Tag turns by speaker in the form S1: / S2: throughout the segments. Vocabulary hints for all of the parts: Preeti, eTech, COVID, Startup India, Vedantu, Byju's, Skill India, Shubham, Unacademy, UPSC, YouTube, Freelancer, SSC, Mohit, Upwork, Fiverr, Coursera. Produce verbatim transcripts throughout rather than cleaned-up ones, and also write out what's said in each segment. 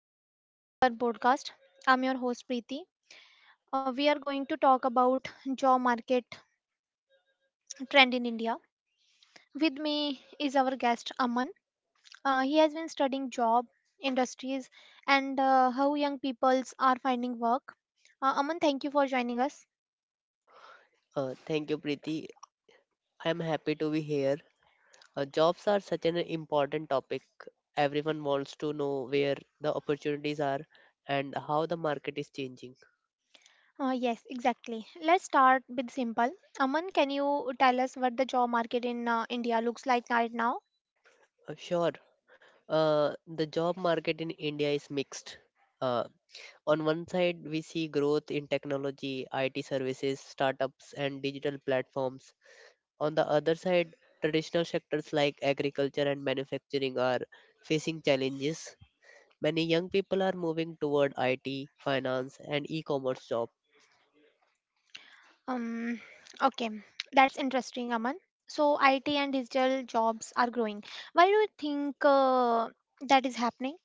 S1: Welcome to our podcast. I'm your host, Preeti. Uh, We are going to talk about job market trend in India. With me is our guest, Aman. Uh, he has been studying job industries and uh, how young peoples are finding work. Uh, Aman, thank you for joining us.
S2: Uh, thank you, Preeti. I'm happy to be here. Uh, jobs are such an important topic. Everyone wants to know where the opportunities are and how the market is changing.
S1: Uh, yes, exactly. Let's start with simple. Aman, can you tell us what the job market in uh, India looks like right now?
S2: Uh, sure, uh, the job market in India is mixed. Uh, on one side, we see growth in technology, I T services, startups, and digital platforms. On the other side, traditional sectors like agriculture and manufacturing are facing challenges. Many young people are moving toward I T, finance, and e commerce jobs
S1: Um, okay, that's interesting, Aman. So, I T and digital jobs are growing. Why do you think uh, that is happening?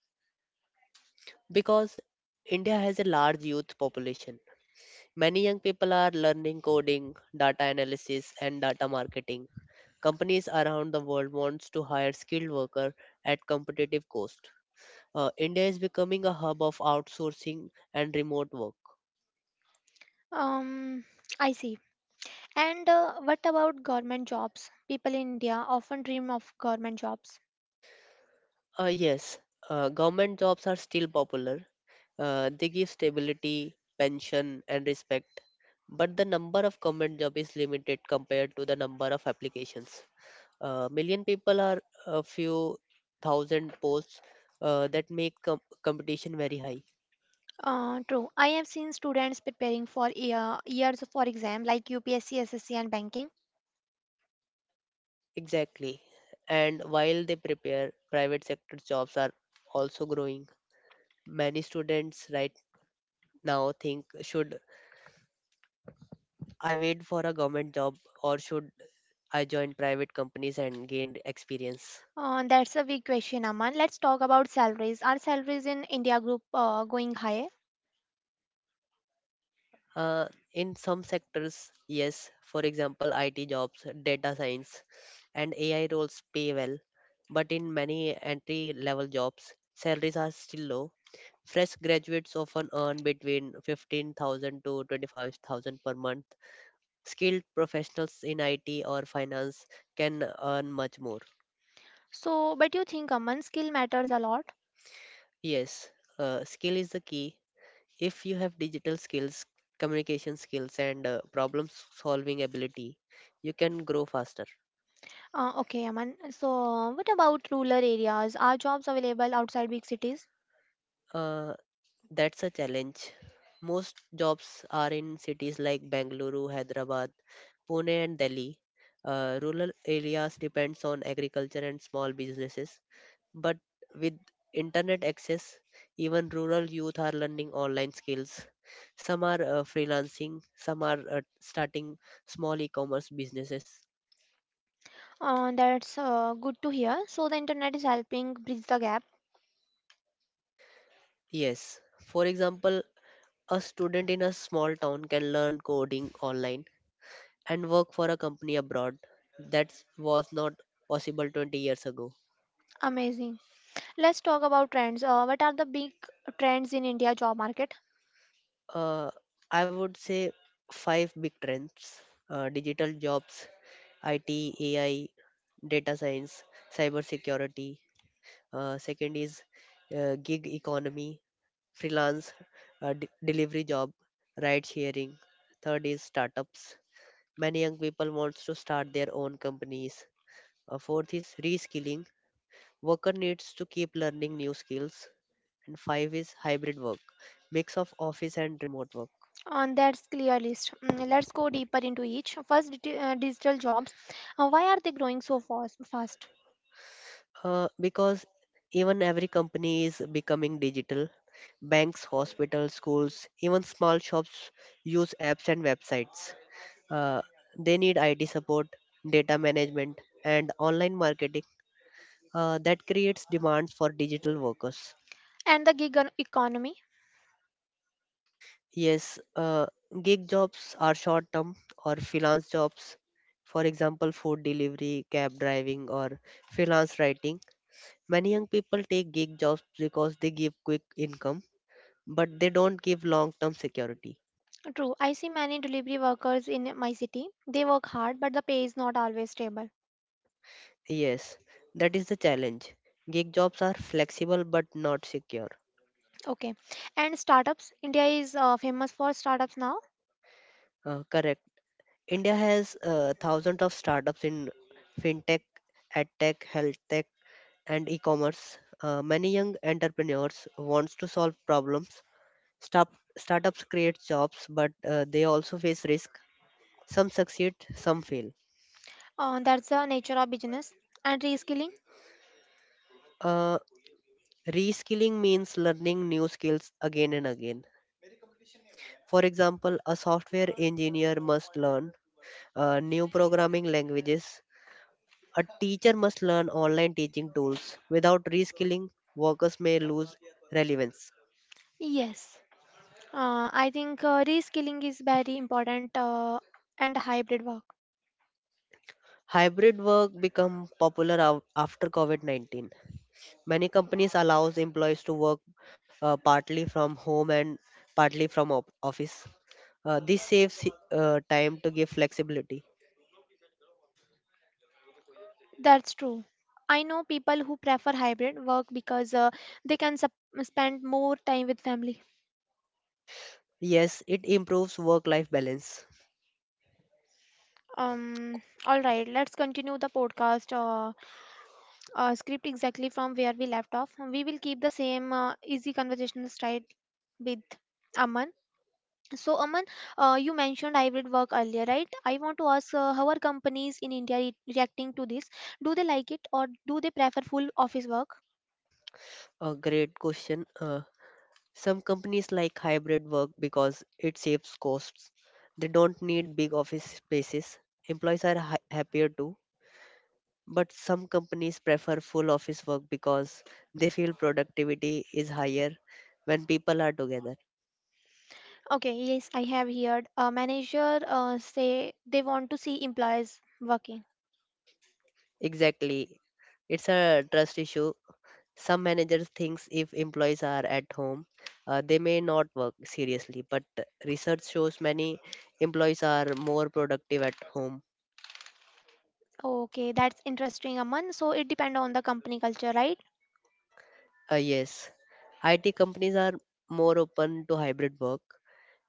S2: because India has a large youth population. Many young people are learning coding, data analysis, and data marketing. Companies around the world wants to hire skilled workers at competitive cost. Uh, India is becoming a hub of outsourcing and remote work.
S1: Um, I see. And uh, what about government jobs? People in India often dream of government jobs.
S2: Uh, yes, uh, government jobs are still popular. Uh, they give stability, pension, and respect, but the number of government job is limited compared to the number of applications. Uh, million people are a few thousand posts, uh, that make com- competition very high.
S1: Uh, true. I have seen students preparing for year, years for exam like U P S C, S S C, and banking.
S2: Exactly. And while they prepare, private sector jobs are also growing. Many students right now think, should I wait for a government job or should I join private companies and gain experience?
S1: Uh, that's a big question, Aman. Let's talk about salaries. Are salaries in India group uh, going high?
S2: Uh, in some sectors, yes. For example, I T jobs, data science, and A I roles pay well, but in many entry level jobs, salaries are still low. Fresh graduates often earn between fifteen thousand to twenty-five thousand per month. Skilled professionals in I T or finance can earn much more.
S1: So, but you think, Aman, skill matters a lot?
S2: Yes, uh, skill is the key. If you have digital skills, communication skills, and uh, problem solving ability, you can grow faster.
S1: Uh, okay, Aman. So, what about rural areas? Are jobs available outside big cities?
S2: Uh, that's a challenge. Most jobs are in cities like Bengaluru, Hyderabad, Pune, and Delhi. Uh, rural areas depends on agriculture and small businesses. But with internet access, even rural youth are learning online skills. Some are uh, freelancing, some are uh, starting small e-commerce businesses.
S1: Uh, that's uh, good to hear. So, the internet is helping bridge the gap.
S2: Yes, for example, a student in a small town can learn coding online and work for a company abroad that was not possible twenty years ago.
S1: Amazing. Let's talk about trends. Uh, what are the big trends in India job market?
S2: Uh, I would say five big trends: uh, digital jobs, I T, A I, data science, cybersecurity. Uh, second is uh, gig economy, freelance, uh, d- delivery job, ride sharing. Third is startups. Many young people wants to start their own companies. Uh, fourth is reskilling. Worker needs to keep learning new skills, and five is hybrid work, mix of office and remote work,
S1: On that's clear list. Mm, let's go deeper into each. First, digi- uh, digital jobs. Uh, why are they growing so fast? Fast.
S2: uh, because even every company is becoming digital. Banks, hospitals, schools, even small shops use apps and websites. uh, they need it support, data management, and online marketing. Uh, that creates demands for digital workers.
S1: And the gig e- economy.
S2: Yes, uh, gig jobs are short term or freelance jobs. For example, food delivery, cab driving, or freelance writing. Many young people take gig jobs because they give quick income, but they don't give long term security.
S1: True. I see many delivery workers in my city. They work hard, but the pay is not always stable.
S2: Yes, that is the challenge. Gig jobs are flexible but not secure.
S1: Okay. And startups, India is uh, famous for startups now.
S2: Uh, correct. India has uh, thousands of startups in fintech, edtech, health tech, and e-commerce. Uh, many young entrepreneurs wants to solve problems. Start- startups create jobs, but uh, they also face risk. Some succeed, some fail.
S1: Uh, that's the nature of business. And reskilling?
S2: Uh, Reskilling means learning new skills again and again. For example, a software engineer must learn uh, new programming languages. A teacher must learn online teaching tools. Without reskilling, workers may lose relevance.
S1: Yes. Uh, I think uh, reskilling is very important uh, and hybrid work.
S2: Hybrid work become popular af- after COVID nineteen. Many companies allows employees to work uh, partly from home and partly from op- office. Uh, this saves uh, time to give flexibility.
S1: That's true. I know people who prefer hybrid work because uh, they can sup- spend more time with family.
S2: Yes, it improves work life balance.
S1: Um, all right, let's continue the podcast uh, uh, script exactly from where we left off. We will keep the same uh, easy conversational style with Aman. So, Aman, uh, you mentioned hybrid work earlier, right? I want to ask uh, how are companies in India re- reacting to this? Do they like it or do they prefer full office work?
S2: A great question. Uh, some companies like hybrid work because it saves costs. They don't need big office spaces. Employees are ha- happier too. But some companies prefer full office work because they feel productivity is higher when people are together.
S1: Okay, yes, I have heard a manager uh, say they want to see employees working.
S2: Exactly. It's a trust issue. Some managers thinks if employees are at home, uh, they may not work seriously. But research shows many employees are more productive at home.
S1: Okay, that's interesting, Aman. So it depends on the company culture, right?
S2: Uh, yes. I T companies are more open to hybrid work.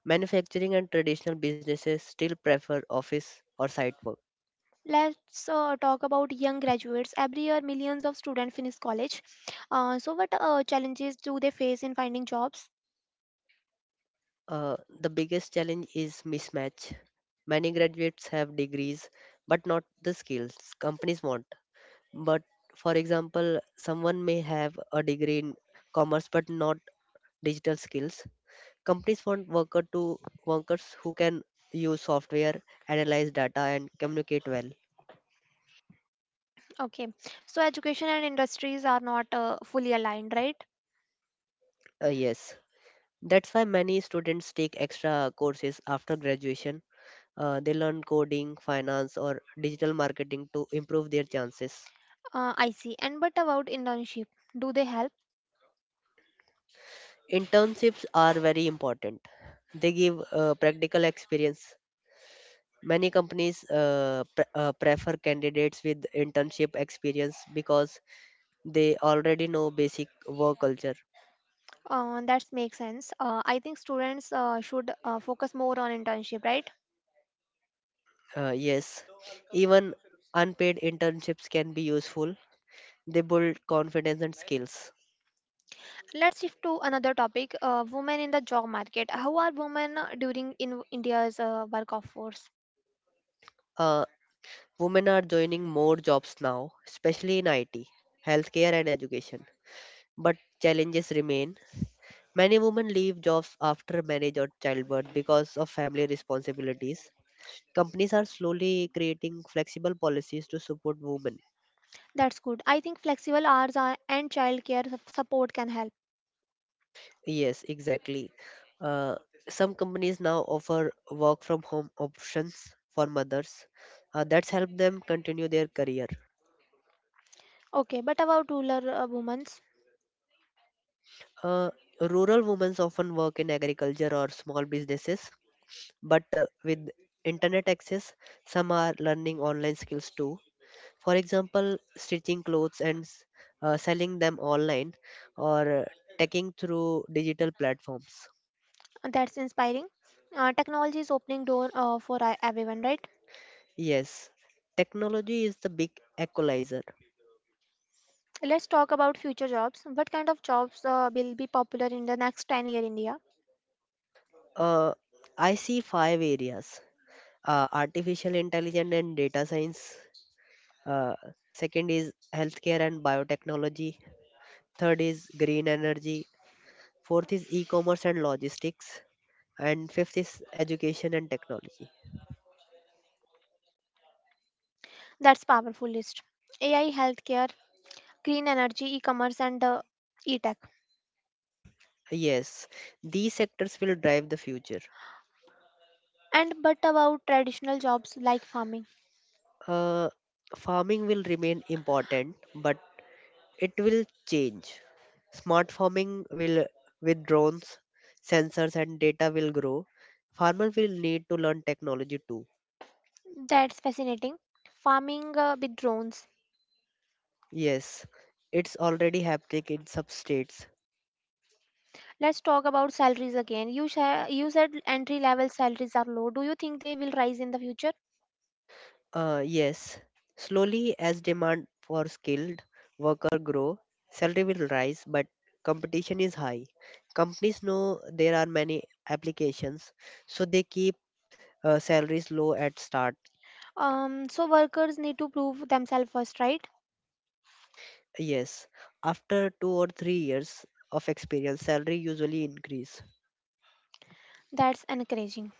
S2: Manufacturing and traditional businesses still prefer office or site work.
S1: Let's uh, talk about young graduates. Every year, millions of students finish college. Uh, so, what uh, challenges do they face in finding jobs?
S2: Uh, the biggest challenge is mismatch. Many graduates have degrees but not the skills companies want. But for example, someone may have a degree in commerce but not digital skills. Companies want worker to Workers who can use software, analyze data, and communicate well.
S1: Okay, so education and industries are not uh, fully aligned, right?
S2: Uh, yes, that's why many students take extra courses after graduation. Uh, they learn coding, finance, or digital marketing to improve their chances.
S1: Uh, I see. And what about internship? Do they help?
S2: Internships are very important. They give uh, practical experience. Many companies uh, pre- uh, prefer candidates with internship experience because they already know basic work culture.
S1: Uh, that makes sense. Uh, I think students uh, should uh, focus more on internship, right?
S2: Uh, yes, even unpaid internships can be useful. They build confidence and skills.
S1: Let's shift to another topic: uh, women in the job market. How are women uh, during in India's uh, work force?
S2: Uh, Women are joining more jobs now, especially in I T, healthcare, and education. But challenges remain. Many women leave jobs after marriage or childbirth because of family responsibilities. Companies are slowly creating flexible policies to support women.
S1: That's good. I think flexible hours are, and childcare sup- support can help.
S2: Yes, exactly. Uh, some companies now offer work from home options for mothers. Uh, that's helped them continue their career.
S1: Okay, but about rural uh, women's,
S2: Uh, Rural women often work in agriculture or small businesses, but uh, with internet access, some are learning online skills too. For example, stitching clothes and s- uh, selling them online, or uh, taking through digital platforms.
S1: that's inspiring. Uh, technology is opening door uh, for uh, everyone, right?
S2: Yes, technology is the big equalizer.
S1: Let's talk about future jobs. What kind of jobs uh, will be popular in the next ten year India?
S2: Uh, i see five areas: uh, artificial intelligence and data science, uh, second is healthcare and biotechnology, third is green energy, fourth is e-commerce and logistics, and fifth is education and technology.
S1: That's powerful list. A I, healthcare, green energy, e-commerce and uh, e-tech.
S2: Yes, these sectors will drive the future.
S1: And but about traditional jobs like farming.
S2: Uh, Farming will remain important, but it will change. Smart farming will, with drones, sensors, and data, will grow. Farmers will need to learn technology too.
S1: That's fascinating. Farming uh, with drones.
S2: Yes, it's already happening in some states.
S1: Let's talk about salaries again. You, sha- you said entry level salaries are low. Do you think they will rise in the future?
S2: Uh, yes, slowly, as demand for skilled worker grow, salary will rise, but competition is high. Companies know there are many applications, so they keep uh, salaries low at start.
S1: Um, so workers need to prove themselves first, right?
S2: Yes, after two or three years of experience, salary usually increase.
S1: That's encouraging.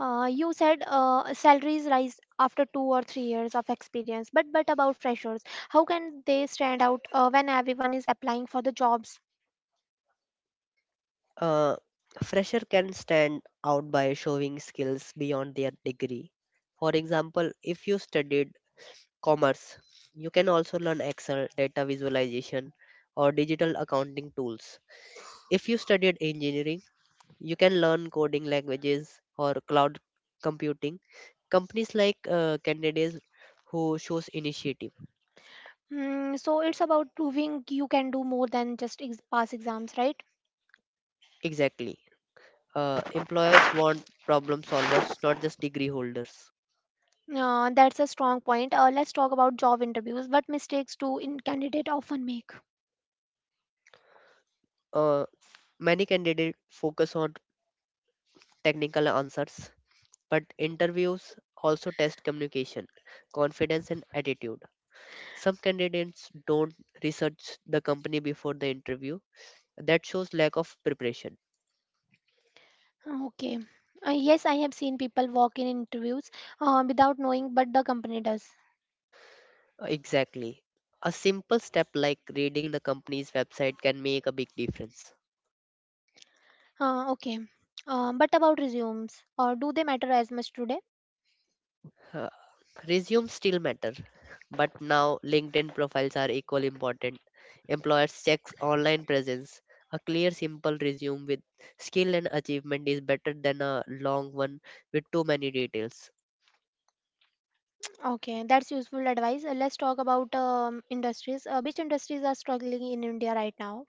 S1: Uh, you said uh, salaries rise after two or three years of experience, but but about freshers, how can they stand out uh, when everyone is applying for the jobs?
S2: Uh, Fresher can stand out by showing skills beyond their degree. For example, if you studied commerce, you can also learn Excel, data visualization, or digital accounting tools. If you studied engineering, you can learn coding languages or cloud computing. Companies like uh, candidates who shows initiative.
S1: Hmm, so it's about proving you can do more than just ex- pass exams, right?
S2: Exactly. Uh, employers want problem solvers, not just degree holders.
S1: Uh, that's a strong point. Uh, let's talk about job interviews. What mistakes do in candidate often make?
S2: Uh, Many candidates focus on technical answers, but interviews also test communication, confidence, and attitude. Some candidates don't research the company before the interview. That shows lack of preparation.
S1: Okay. Uh, yes, I have seen people walk in interviews uh, without knowing, but the company does.
S2: Exactly. A simple step like reading the company's website can make a big difference.
S1: Uh, okay. Um, but about resumes, or do they matter as much today?
S2: Uh, Resumes still matter, but now LinkedIn profiles are equally important. Employers check online presence. A clear, simple resume with skill and achievement is better than a long one with too many details.
S1: Okay, that's useful advice. Uh, Let's talk about um, industries. Uh, which industries are struggling in India right now?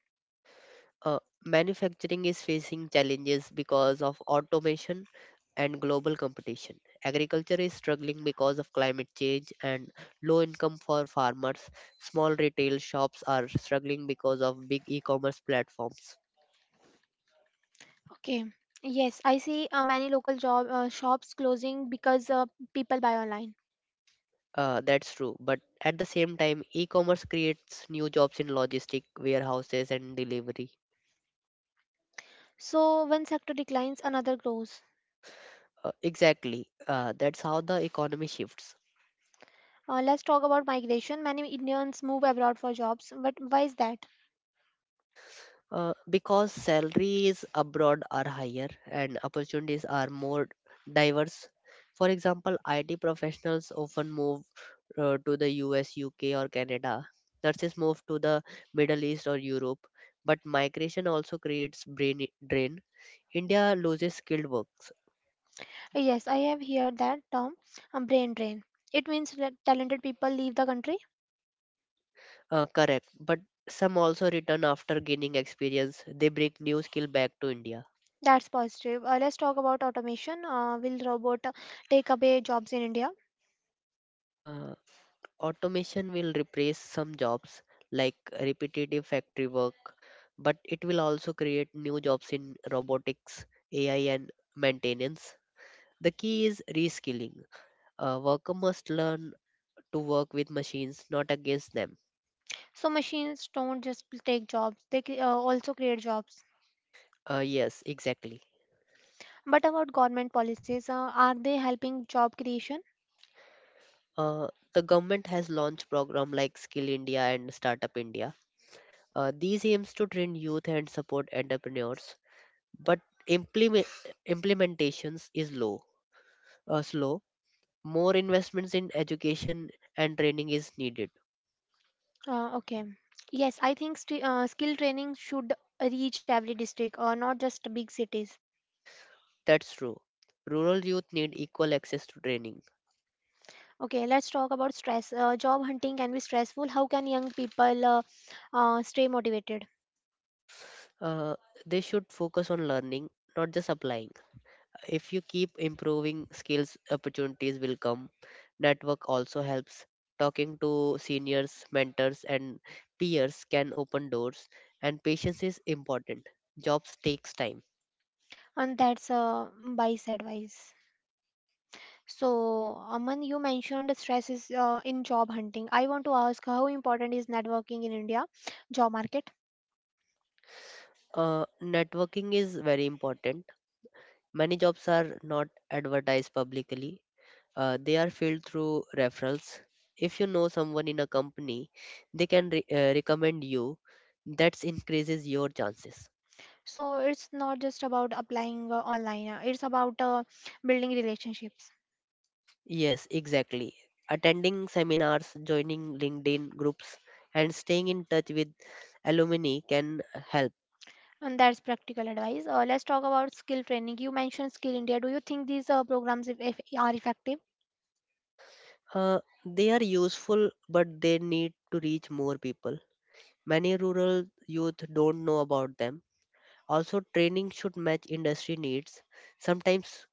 S2: Uh, Manufacturing is facing challenges because of automation and global competition. Agriculture is struggling because of climate change and low income for farmers. Small retail shops are struggling because of big e commerce platforms.
S1: Okay. Yes, I see uh, many local job uh, shops closing because uh, people buy online.
S2: Uh, that's true, but at the same time, e commerce creates new jobs in logistic warehouses, and delivery.
S1: So one sector declines, another grows.
S2: Uh, exactly, uh, that's how the economy shifts.
S1: Uh, let's talk about migration. Many Indians move abroad for jobs, but why is that?
S2: Uh, because salaries abroad are higher and opportunities are more diverse. For example, I T professionals often move uh, to the U S, U K, or Canada. Nurses move to the Middle East or Europe. But migration also creates brain drain. India loses skilled works.
S1: Uh, Yes, I have heard that term, um, brain drain. It means that talented people leave the country.
S2: Uh, correct. But some also return after gaining experience. They bring new skill back to India.
S1: That's positive. Uh, let's talk about automation. Uh, will robot uh, take away jobs in India?
S2: Uh, Automation will replace some jobs like repetitive factory work, but it will also create new jobs in robotics, A I, and maintenance. The key is reskilling. A worker must learn to work with machines, not against them.
S1: So machines don't just take jobs, they cre- uh, also create jobs.
S2: Uh, yes, exactly.
S1: But about government policies, uh, are they helping job creation?
S2: Uh, the government has launched programs like Skill India and Startup India. Uh, these aims to train youth and support entrepreneurs, but implement implementations is low, uh, slow. More investments in education and training is needed.
S1: Uh, okay. Yes, I think st- uh, skill training should reach every district, uh, not just big cities.
S2: That's true. Rural youth need equal access to training.
S1: Okay, let's talk about stress. Uh, job hunting can be stressful. How can young people uh, uh, stay motivated?
S2: Uh, they should focus on learning, not just applying. If you keep improving skills, opportunities will come. Network also helps. Talking to seniors, mentors, and peers can open doors, and patience is important. Jobs takes time.
S1: And that's uh, wise advice. So, Aman, you mentioned stress is uh, in job hunting. I want to ask how important is networking in India job market?
S2: Uh, networking is very important. Many jobs are not advertised publicly. Uh, they are filled through referrals. If you know someone in a company, they can re- uh, recommend you. That increases your chances.
S1: So it's not just about applying uh, online, uh, it's about uh, building relationships.
S2: Yes, exactly. Attending seminars, joining LinkedIn groups, and staying in touch with alumni can help.
S1: And that's practical advice. Uh, let's talk about skill training. You mentioned Skill India. Do you think these uh, programs if, if are effective?
S2: Uh, they are useful, but they need to reach more people. Many rural youth don't know about them. Also, training should match industry needs. Sometimes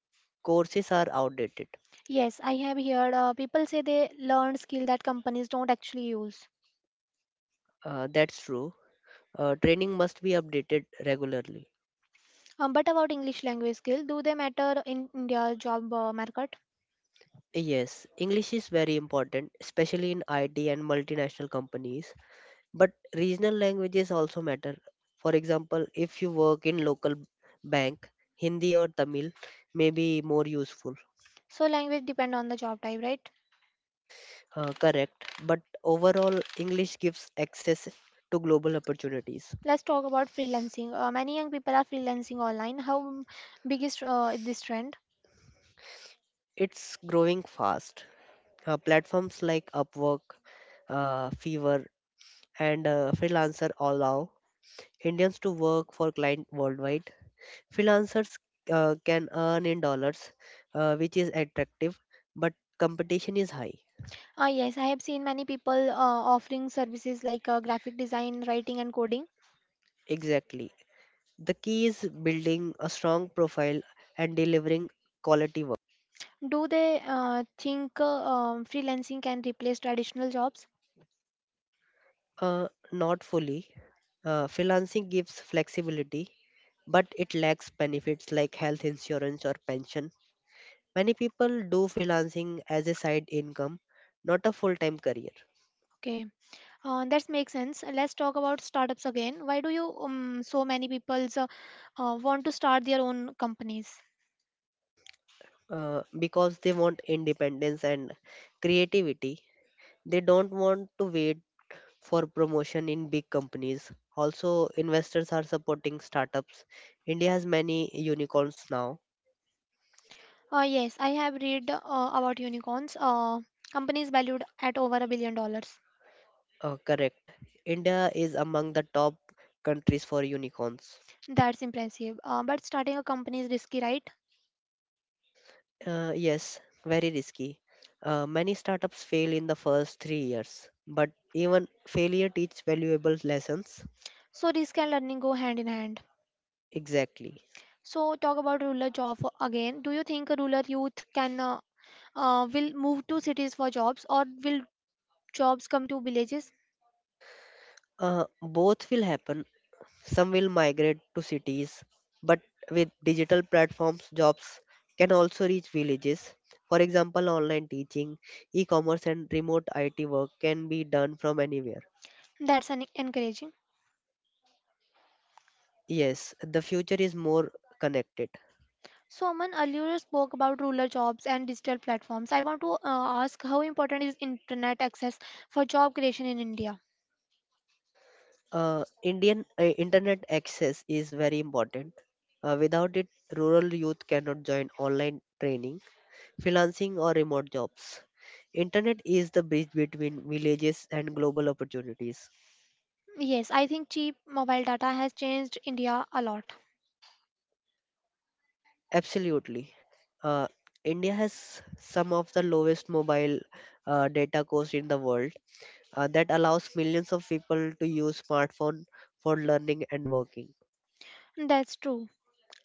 S2: courses are outdated.
S1: Yes, I have heard uh, people say they learn skill that companies don't actually use.
S2: Uh, that's true. Uh, training must be updated regularly.
S1: Um, but about English language skill, do they matter in India job uh, market?
S2: Yes, English is very important, especially in I T and multinational companies. But regional languages also matter. For example, if you work in local bank, Hindi or Tamil may be more useful.
S1: So language depend on the job type, right?
S2: Uh, correct. But overall, English gives access to global opportunities.
S1: Let's talk about freelancing. Uh, many young people are freelancing online. How big is uh, this trend?
S2: It's growing fast. Uh, platforms like Upwork, uh, Fiverr, and uh, Freelancer allow Indians to work for clients worldwide. Freelancers uh, can earn in dollars, uh, which is attractive, but competition is high.
S1: Ah yes, I have seen many people uh, offering services like uh, graphic design, writing, and coding.
S2: Exactly. The key is building a strong profile and delivering quality work.
S1: Do they uh, think uh, um, freelancing can replace traditional jobs?
S2: Uh, not fully. Uh, freelancing gives flexibility, but it lacks benefits like health insurance or pension. Many people do freelancing as a side income, not a full time career.
S1: Okay, uh, that makes sense. Let's talk about startups again. Why do you um, so many people uh, uh, want to start their own companies?
S2: uh, because they want independence and creativity. They don't want to wait for promotion in big companies. Also, investors are supporting startups. India has many unicorns now.
S1: Uh, yes, I have read uh, about unicorns. Uh, companies valued at over a billion dollars.
S2: Uh, correct. India is among the top countries for unicorns.
S1: That's impressive. Uh, but starting a company is risky, right?
S2: Uh, yes, very risky. Uh, many startups fail in the first three years, but even failure teaches valuable lessons.
S1: So risk and learning go hand in hand.
S2: Exactly.
S1: So talk about rural job for- again. Do you think rural youth can uh, uh, will move to cities for jobs or will jobs come to villages?
S2: Uh, both will happen. Some will migrate to cities, but with digital platforms, jobs can also reach villages. For example, online teaching, e commerce, and remote I T work can be done from anywhere.
S1: That's an encouraging.
S2: Yes, the future is more connected.
S1: So Aman earlier spoke about rural jobs and digital platforms. I want to uh, ask how important is internet access for job creation in India?
S2: Uh, Indian uh, Internet access is very important. Uh, without it, rural youth cannot join online training, freelancing, or remote jobs. Internet is the bridge between villages and global opportunities.
S1: Yes, I think cheap mobile data has changed India a lot.
S2: Absolutely. Uh, India has some of the lowest mobile uh, data cost in the world uh, that allows millions of people to use smartphone for learning and working.
S1: That's true.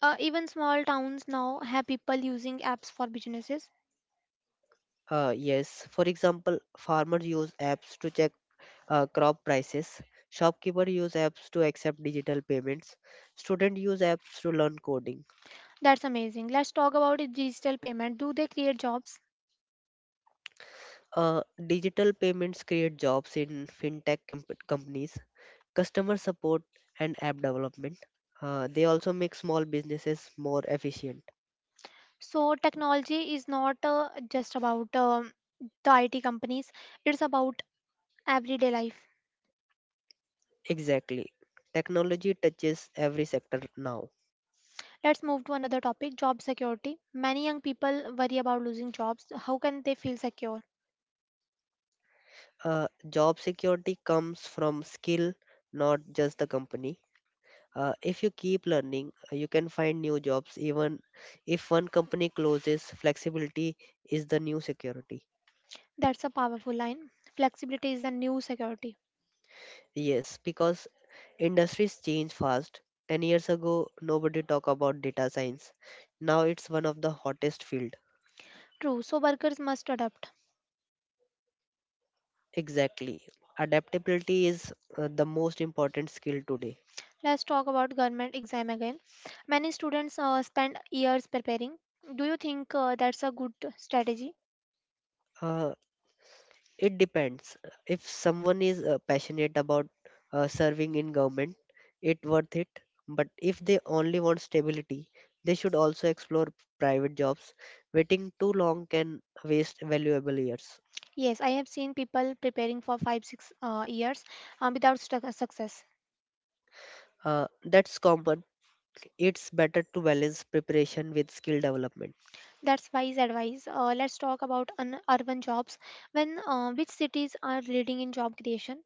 S1: Uh, even small towns now have people using apps for businesses.
S2: Uh, yes, for example, farmers use apps to check uh, crop prices, shopkeepers use apps to accept digital payments, students use apps to learn coding.
S1: That's amazing. Let's talk about digital payment. Do they create jobs?
S2: Uh, Digital payments create jobs in fintech com- companies, customer support, and app development. Uh, they also make small businesses more efficient.
S1: So technology is not uh, just about um, the I T companies, it's about everyday life.
S2: Exactly. Technology touches every sector now.
S1: Let's move to another topic job security. Many young people worry about losing jobs. How can they feel secure?
S2: Uh, job security comes from skill, not just the company. Uh, if you keep learning, uh, you can find new jobs. Even if one company closes, flexibility is the new security.
S1: That's a powerful line. Flexibility is the new security.
S2: Yes, because industries change fast. ten years ago, nobody talked about data science. Now it's one of the hottest fields.
S1: True, so workers must adapt.
S2: Exactly. Adaptability is uh, the most important skill today.
S1: Let's talk about government exam again. Many students uh, spend years preparing. Do you think uh, that's a good strategy?
S2: Uh, it depends. If someone is uh, passionate about uh, serving in government, it worth it. But if they only want stability, they should also explore private jobs. Waiting too long can waste valuable years.
S1: Yes, I have seen people preparing for five six uh, years um, without stu- success.
S2: Uh, that's common. It's better to balance preparation with skill development.
S1: That's wise advice. Uh, let's talk about un- urban jobs. When uh, which cities are leading in job creation?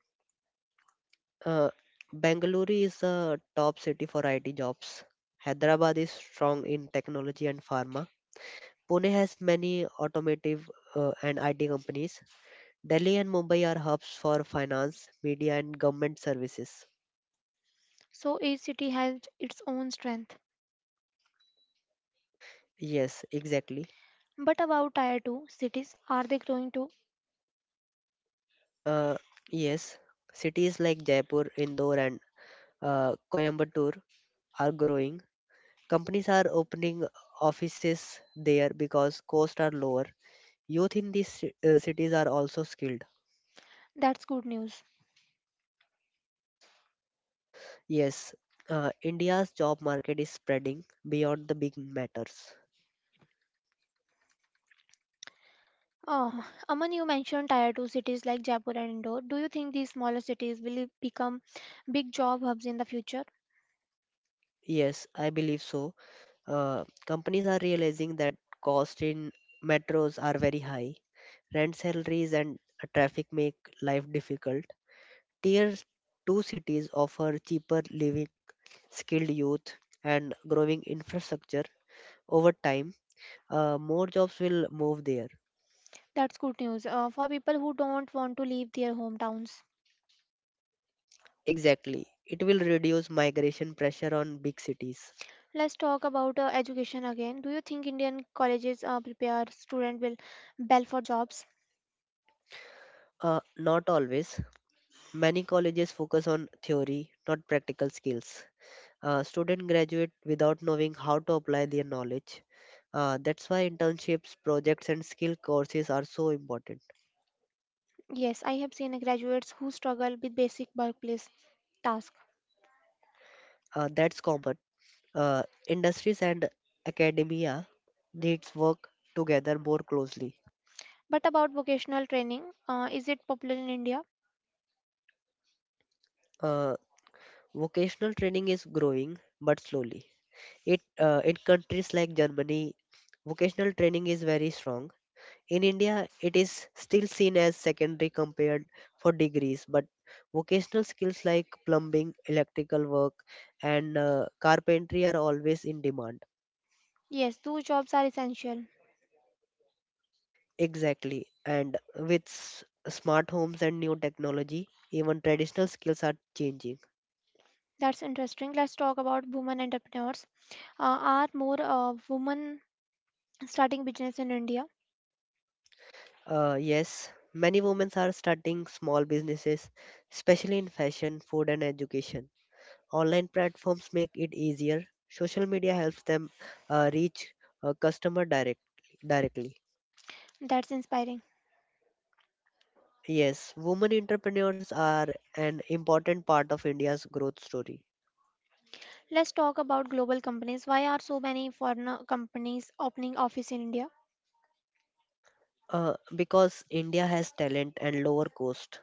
S2: Uh, Bangalore is a top city for I T jobs. Hyderabad is strong in technology and pharma. Pune has many automotive uh, and I T companies. Delhi and Mumbai are hubs for finance, media, and government services.
S1: So each city has its own strength.
S2: Yes, exactly.
S1: But about tier two cities, are they growing too?
S2: Uh, yes, cities like Jaipur, Indore, and uh, Coimbatore are growing. Companies are opening offices there because costs are lower. Youth in these ci- uh, cities are also skilled.
S1: That's good news.
S2: Yes, uh, India's job market is spreading beyond the big matters.
S1: Uh, Aman, you mentioned tier two cities like Jaipur and Indore. Do you think these smaller cities will become big job hubs in the future?
S2: Yes, I believe so. Uh, companies are realizing that costs in metros are very high. Rent salaries and traffic make life difficult. Tier two cities offer cheaper living, skilled youth, and growing infrastructure. Over time, uh, more jobs will move there.
S1: That's good news uh, for people who don't want to leave their hometowns.
S2: Exactly. It will reduce migration pressure on big cities.
S1: Let's talk about uh, education again. Do you think Indian colleges uh, prepare student will well for jobs?
S2: Uh, not always. Many colleges focus on theory, not practical skills. Uh, students graduate without knowing how to apply their knowledge. Uh, that's why internships, projects, and skill courses are so important.
S1: Yes, I have seen graduates who struggle with basic workplace tasks.
S2: Uh, that's common. Uh, industries and academia needs work together more closely.
S1: But about vocational training, uh, is it popular in India?
S2: Uh, Vocational training is growing but slowly. It uh, in countries like Germany, vocational training is very strong. In India, it is still seen as secondary compared for degrees, but vocational skills like plumbing, electrical work, and uh, carpentry are always in demand.
S1: Yes, those jobs are essential.
S2: Exactly. And with s- smart homes and new technology, even traditional skills are changing.
S1: That's interesting. Let's talk about women entrepreneurs. Uh, are more uh, women starting business in India?
S2: Uh, yes, many women are starting small businesses, especially in fashion, food, and education. Online platforms make it easier. Social media helps them uh, reach a customer direct, directly.
S1: That's inspiring.
S2: Yes, women entrepreneurs are an important part of India's growth story.
S1: Let's talk about global companies. Why are so many foreign uh, companies opening office in India?
S2: Uh, because India has talent and lower cost.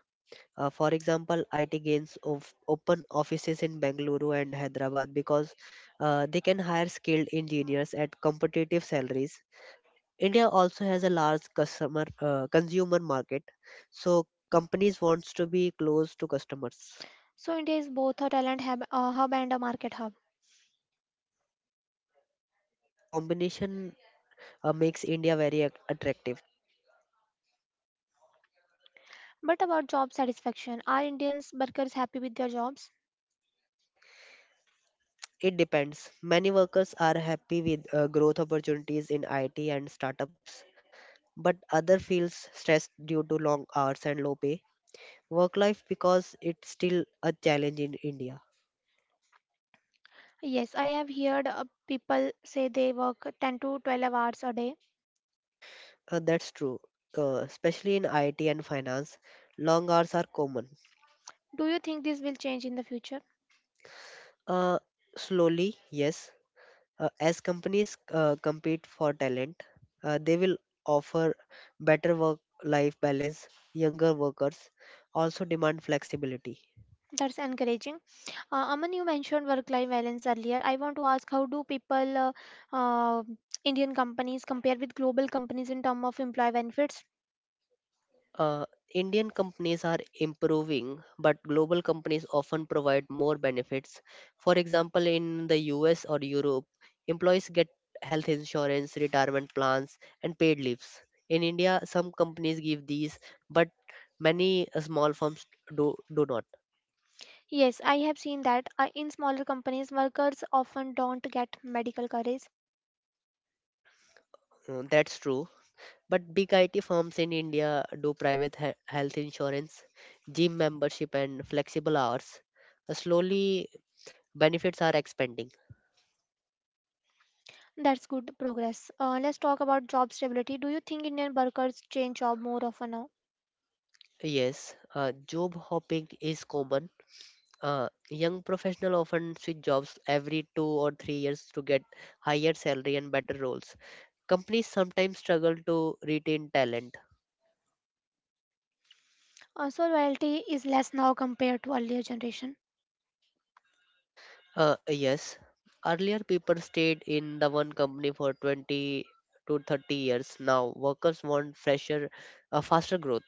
S2: Uh, for example, I T gains of open offices in Bengaluru and Hyderabad because uh, they can hire skilled engineers at competitive salaries. India also has a large customer uh, consumer market, so companies wants to be close to customers.
S1: So India is both a talent hub, a hub and a market hub.
S2: The combination uh, makes India very ac- attractive.
S1: But about job satisfaction, are Indians workers happy with their jobs?
S2: It depends. Many workers are happy with uh, growth opportunities in I T and startups, but other feels stressed due to long hours and low pay. Work life because it's still a challenge in India.
S1: Yes, I have heard uh, people say they work ten to twelve hours a day.
S2: Uh, that's true, uh, especially in I T and finance. Long hours are common.
S1: Do you think this will change in the future?
S2: Uh, slowly, yes. Uh, as companies uh, compete for talent, uh, they will offer better work life balance. Younger workers also demand flexibility.
S1: That's encouraging. Uh, Aman, you mentioned work-life balance earlier. I want to ask, how do people, uh, uh, Indian companies compare with global companies in terms of employee benefits?
S2: Uh, Indian companies are improving, but global companies often provide more benefits. For example, in the U S or Europe, employees get health insurance, retirement plans, and paid leaves. In India, some companies give these, but many uh, small firms do do not.
S1: Yes, I have seen that uh, in smaller companies, workers often don't get medical coverage.
S2: Uh, That's true. But big I T firms in India do private he- health insurance, gym membership, and flexible hours. Uh, Slowly, benefits are expanding.
S1: That's good progress. Uh, let's talk about job stability. Do you think Indian workers change job more often now?
S2: Yes, uh, job hopping is common. Uh, young professionals often switch jobs every two or three years to get higher salary and better roles. Companies sometimes struggle to retain talent.
S1: Uh, So loyalty is less now compared to earlier generation.
S2: Uh, yes. Earlier, people stayed in the one company for twenty to thirty years. Now, workers want fresher, uh, faster growth.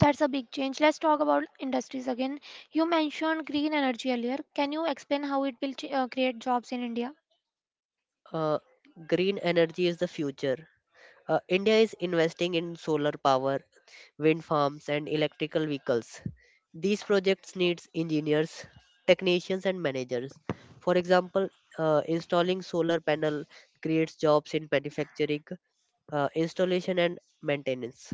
S1: That's a big change. Let's talk about industries again. You mentioned green energy earlier. Can you explain how it will ch- uh, create jobs in India?
S2: Uh, Green energy is the future. Uh, India is investing in solar power, wind farms, and electrical vehicles. These projects needs engineers, technicians, and managers. For example, uh, installing solar panel creates jobs in manufacturing, uh, installation, and maintenance.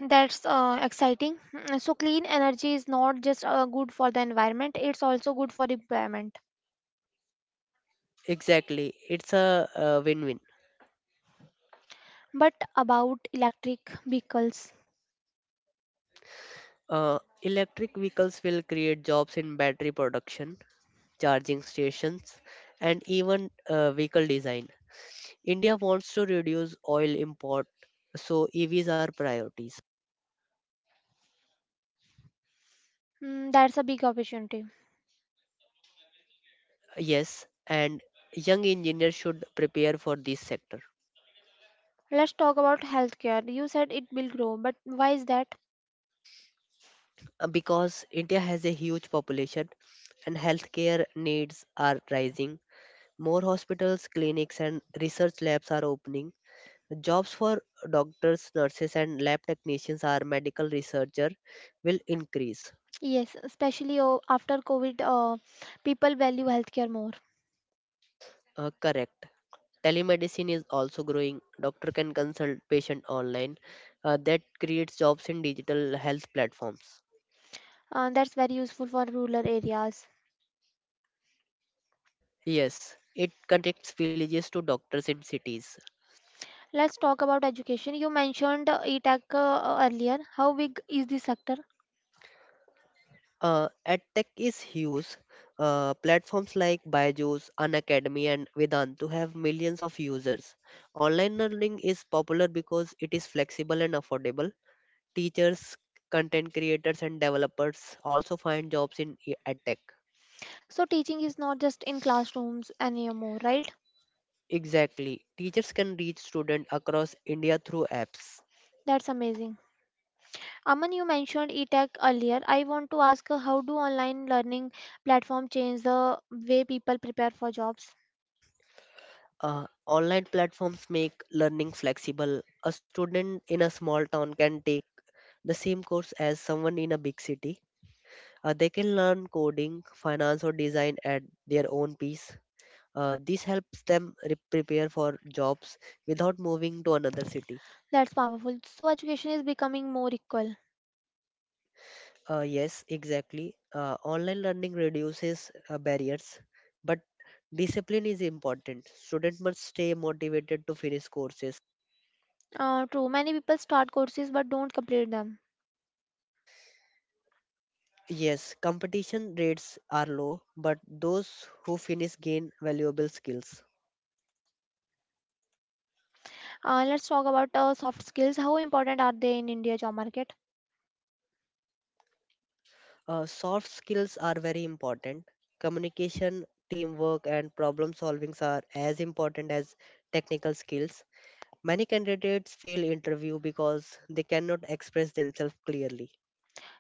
S1: That's uh, exciting. Mm, So, clean energy is not just uh, good for the environment; it's also good for employment.
S2: Exactly, it's a, uh win-win.
S1: But about electric vehicles,
S2: Uh, electric vehicles will create jobs in battery production, charging stations, and even uh, vehicle design. India wants to reduce oil import, so E Vs are priorities.
S1: mm, that's a big opportunity.
S2: Yes, and young engineers should prepare for this sector.
S1: Let's talk about healthcare. You said it will grow, but why is that?
S2: Uh, because India has a huge population and healthcare needs are rising. More hospitals, clinics, and research labs are opening. Jobs for doctors, nurses, and lab technicians or medical researcher will increase.
S1: Yes, especially uh, after COVID, uh, people value healthcare more.
S2: Uh, correct. Telemedicine is also growing. Doctor can consult patient online. Uh, that creates jobs in digital health platforms.
S1: Uh, that's very useful for rural areas.
S2: Yes, it connects villages to doctors in cities.
S1: Let's talk about education. You mentioned uh, E T A C uh, earlier. How big is this sector?
S2: Uh, EdTech is huge. Uh, platforms like Byju's, Unacademy, and Vedantu have millions of users. Online learning is popular because it is flexible and affordable. Teachers, content creators, and developers also find jobs in e- edtech.
S1: So, teaching is not just in classrooms anymore, right?
S2: Exactly. Teachers can reach students across India through apps.
S1: That's amazing. Aman, you mentioned eTech earlier. I want to ask uh, how do online learning platform change the way people prepare for jobs?
S2: Uh, online platforms make learning flexible. A student in a small town can take the same course as someone in a big city. Uh, they can learn coding, finance, or design at their own pace. Uh, this helps them re- prepare for jobs without moving to another city.
S1: That's powerful. So education is becoming more equal.
S2: Uh, yes, exactly. Uh, online learning reduces uh, barriers, but discipline is important. Student must stay motivated to finish courses.
S1: Uh, true, many people start courses but don't complete them.
S2: Yes, competition rates are low, but those who finish gain valuable skills.
S1: Uh, let's talk about uh, soft skills. How important are they in India job market?
S2: Uh, soft skills are very important. Communication, teamwork, and problem solving are as important as technical skills. Many candidates fail interview because they cannot express themselves clearly.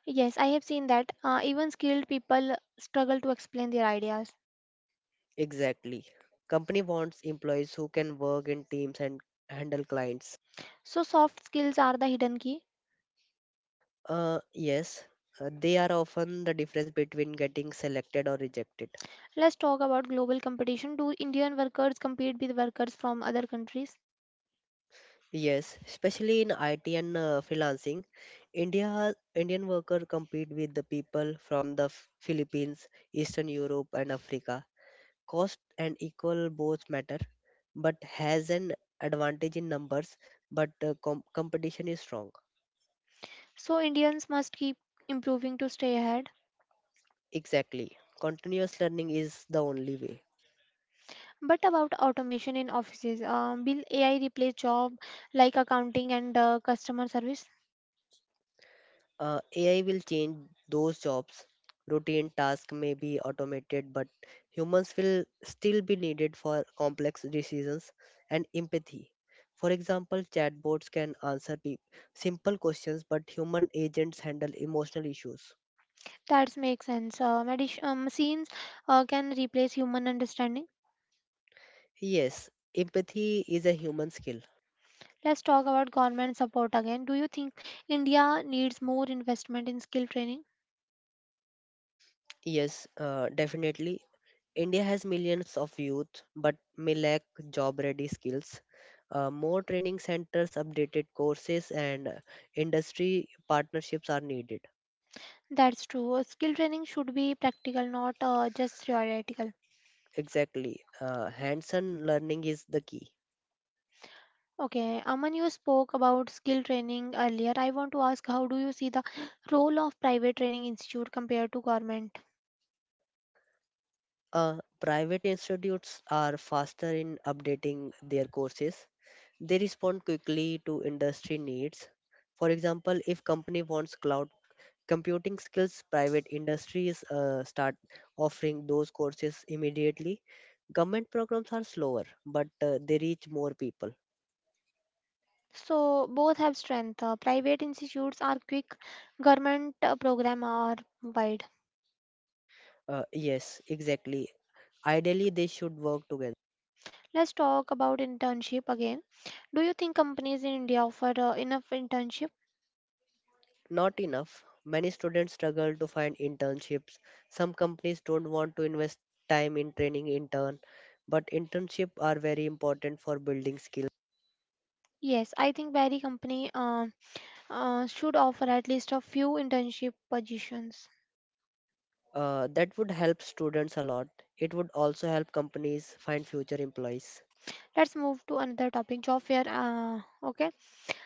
S1: Yes, I have seen that uh, even skilled people struggle to explain their ideas.
S2: Exactly. Company wants employees who can work in teams and handle clients.
S1: So soft skills are the hidden key.
S2: Uh, yes, uh, they are often the difference between getting selected or rejected.
S1: Let's talk about global competition. Do Indian workers compete with workers from other countries?
S2: Yes, especially in I T and uh, freelancing, India Indian worker compete with the people from the F- Philippines, Eastern Europe, and Africa. Cost and equal both matter, but has an advantage in numbers. But uh, com- competition is strong.
S1: So Indians must keep improving to stay ahead.
S2: Exactly. Continuous learning is the only way.
S1: But about automation in offices, um, will A I replace job like accounting and uh, customer service?
S2: Uh, A I will change those jobs. Routine tasks may be automated, but humans will still be needed for complex decisions and empathy. For example, chatbots can answer pe- simple questions, but human agents handle emotional issues.
S1: That makes sense. Um, addition, um, machines uh, can replace human understanding.
S2: Yes, empathy is a human skill.
S1: Let's talk about government support again. Do you think India needs more investment in skill training?
S2: Yes, uh, definitely. India has millions of youth, but may lack job ready skills. Uh, more training centers, updated courses, and uh, industry partnerships are needed.
S1: That's true. Uh, Skill training should be practical, not uh, just theoretical.
S2: Exactly. Uh, hands on learning is the key.
S1: Okay, Aman, you spoke about skill training earlier. I want to ask, how do you see the role of private training institute compared to government?
S2: Uh, private institutes are faster in updating their courses, they respond quickly to industry needs. For example, if company wants cloud computing skills, private industries uh, start offering those courses immediately. Government programs are slower, but uh, they reach more people.
S1: So both have strength. Uh, private institutes are quick, government uh, program are wide.
S2: Uh, yes, exactly. Ideally, they should work together.
S1: Let's talk about internship again. Do you think companies in India offer uh, enough internship?
S2: Not enough. Many students struggle to find internships. Some companies don't want to invest time in training intern, but internship are very important for building skills.
S1: Yes, I think every company uh, uh, should offer at least a few internship positions.
S2: Uh, that would help students a lot. It would also help companies find future employees.
S1: Let's move to another topic, job fair. Uh, okay.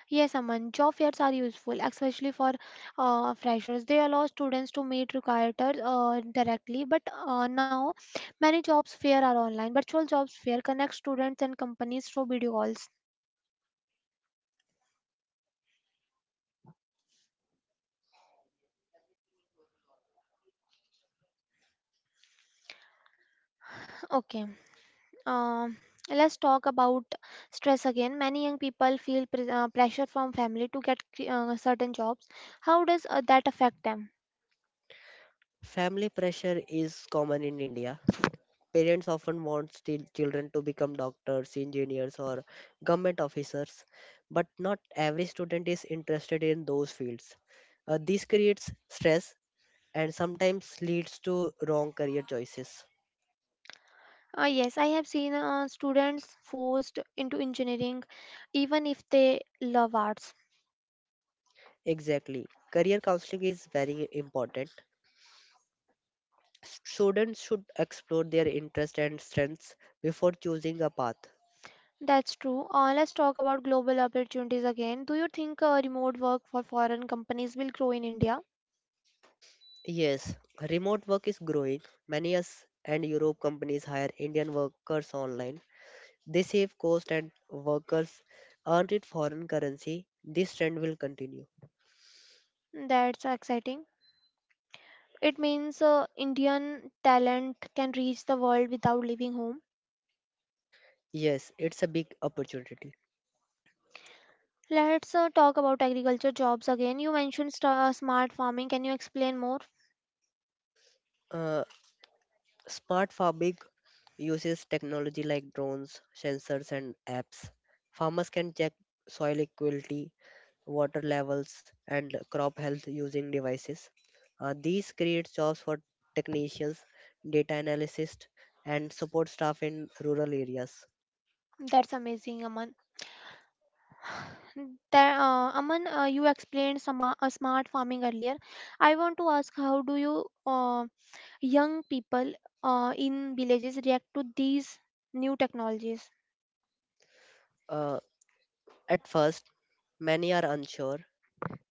S1: Yes, Aman, job fairs are useful, especially for uh, freshers. They allow students to meet recruiters uh, directly, but uh, now many jobs fair are online. Virtual jobs fair connect students and companies through video calls. Okay, um, let's talk about stress again. Many young people feel pres uh, pressure from family to get uh, certain jobs. How does uh, that affect them?
S2: Family pressure is common in India. Parents often want still children to become doctors, engineers, or government officers, but not every student is interested in those fields. Uh, this creates stress and sometimes leads to wrong career choices.
S1: Uh, yes, I have seen uh, students forced into engineering even if they love arts.
S2: Exactly. Career counseling is very important. Students should explore their interests and strengths before choosing a path.
S1: That's true. Uh, let's talk about global opportunities again. Do you think uh, remote work for foreign companies will grow in India?
S2: Yes, remote work is growing. Many U S and Europe companies hire Indian workers online. They save cost and workers earn in foreign currency. This trend will continue.
S1: That's exciting. It means uh, Indian talent can reach the world without leaving home.
S2: Yes, it's a big opportunity.
S1: Let's uh, talk about agriculture jobs again. You mentioned st- uh, smart farming. Can you explain more?
S2: Uh, Smart farming uses technology like drones, sensors, and apps. Farmers can check soil equality, water levels, and crop health using devices. Uh, these create jobs for technicians, data analysts, and support staff in rural areas.
S1: That's amazing, Aman. That, uh, Aman, uh, you explained sama- uh, smart farming earlier. I want to ask how do you um young people uh, in villages react to these new technologies.
S2: Uh, at first, many are unsure.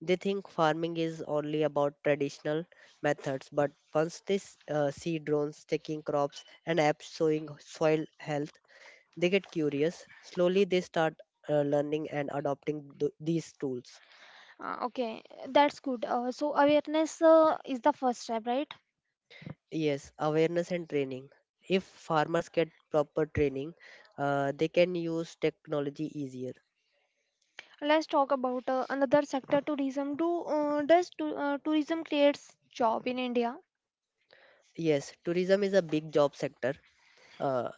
S2: They think farming is only about traditional methods, but once they s- uh, see drones checking crops and apps showing soil health, they get curious. Slowly, they start uh, learning and adopting th- these tools.
S1: Uh, okay, that's good. Uh, so awareness uh, is the first step, right?
S2: Yes, awareness and training. If farmers get proper training, uh, they can use technology easier.
S1: Let's talk about uh, another sector, tourism. Do uh, does to, uh, tourism creates job in India?
S2: Yes, tourism is a big job sector. Uh,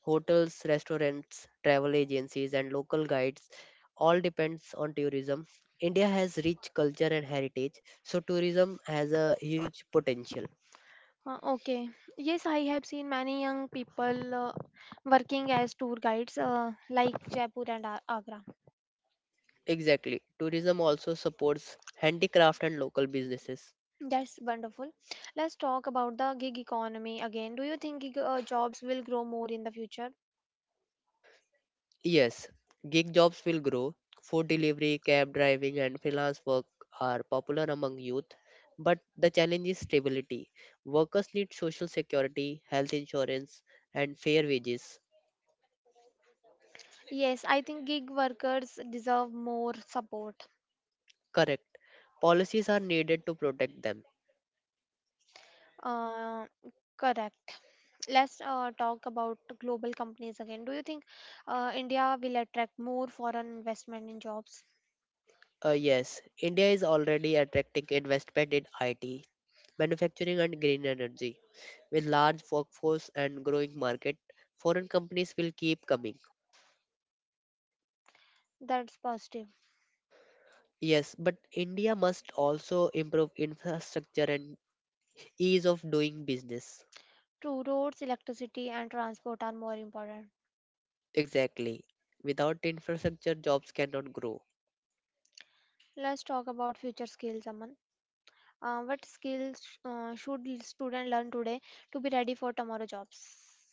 S2: Hotels, restaurants, travel agencies, and local guides all depends on tourism. India has rich culture and heritage, so tourism has a huge potential.
S1: Uh, okay. Yes, I have seen many young people uh, working as tour guides uh, like Jaipur and Ag- agra.
S2: Exactly. Tourism also supports handicraft and local businesses.
S1: That's wonderful. Let's talk about the gig economy again. Do you think gig uh, jobs will grow more in the future?
S2: Yes, gig jobs will grow. Food delivery, cab driving, and freelance work are popular among youth. But the challenge is stability. Workers need social security, health insurance, and fair wages.
S1: Yes, I think gig workers deserve more support.
S2: Correct. Policies are needed to protect them.
S1: Uh, correct. Let's uh, talk about global companies again. Do you think uh, India will attract more foreign investment in jobs?
S2: Uh, yes, India is already attracting investment in I T, manufacturing, and green energy. With large workforce and growing market, foreign companies will keep coming.
S1: That's positive.
S2: Yes, but India must also improve infrastructure and ease of doing business.
S1: True, roads, electricity, and transport are more important.
S2: Exactly. Without infrastructure, jobs cannot grow.
S1: Let's talk about future skills, Aman. Uh, what skills uh, should students learn today to be ready for tomorrow jobs?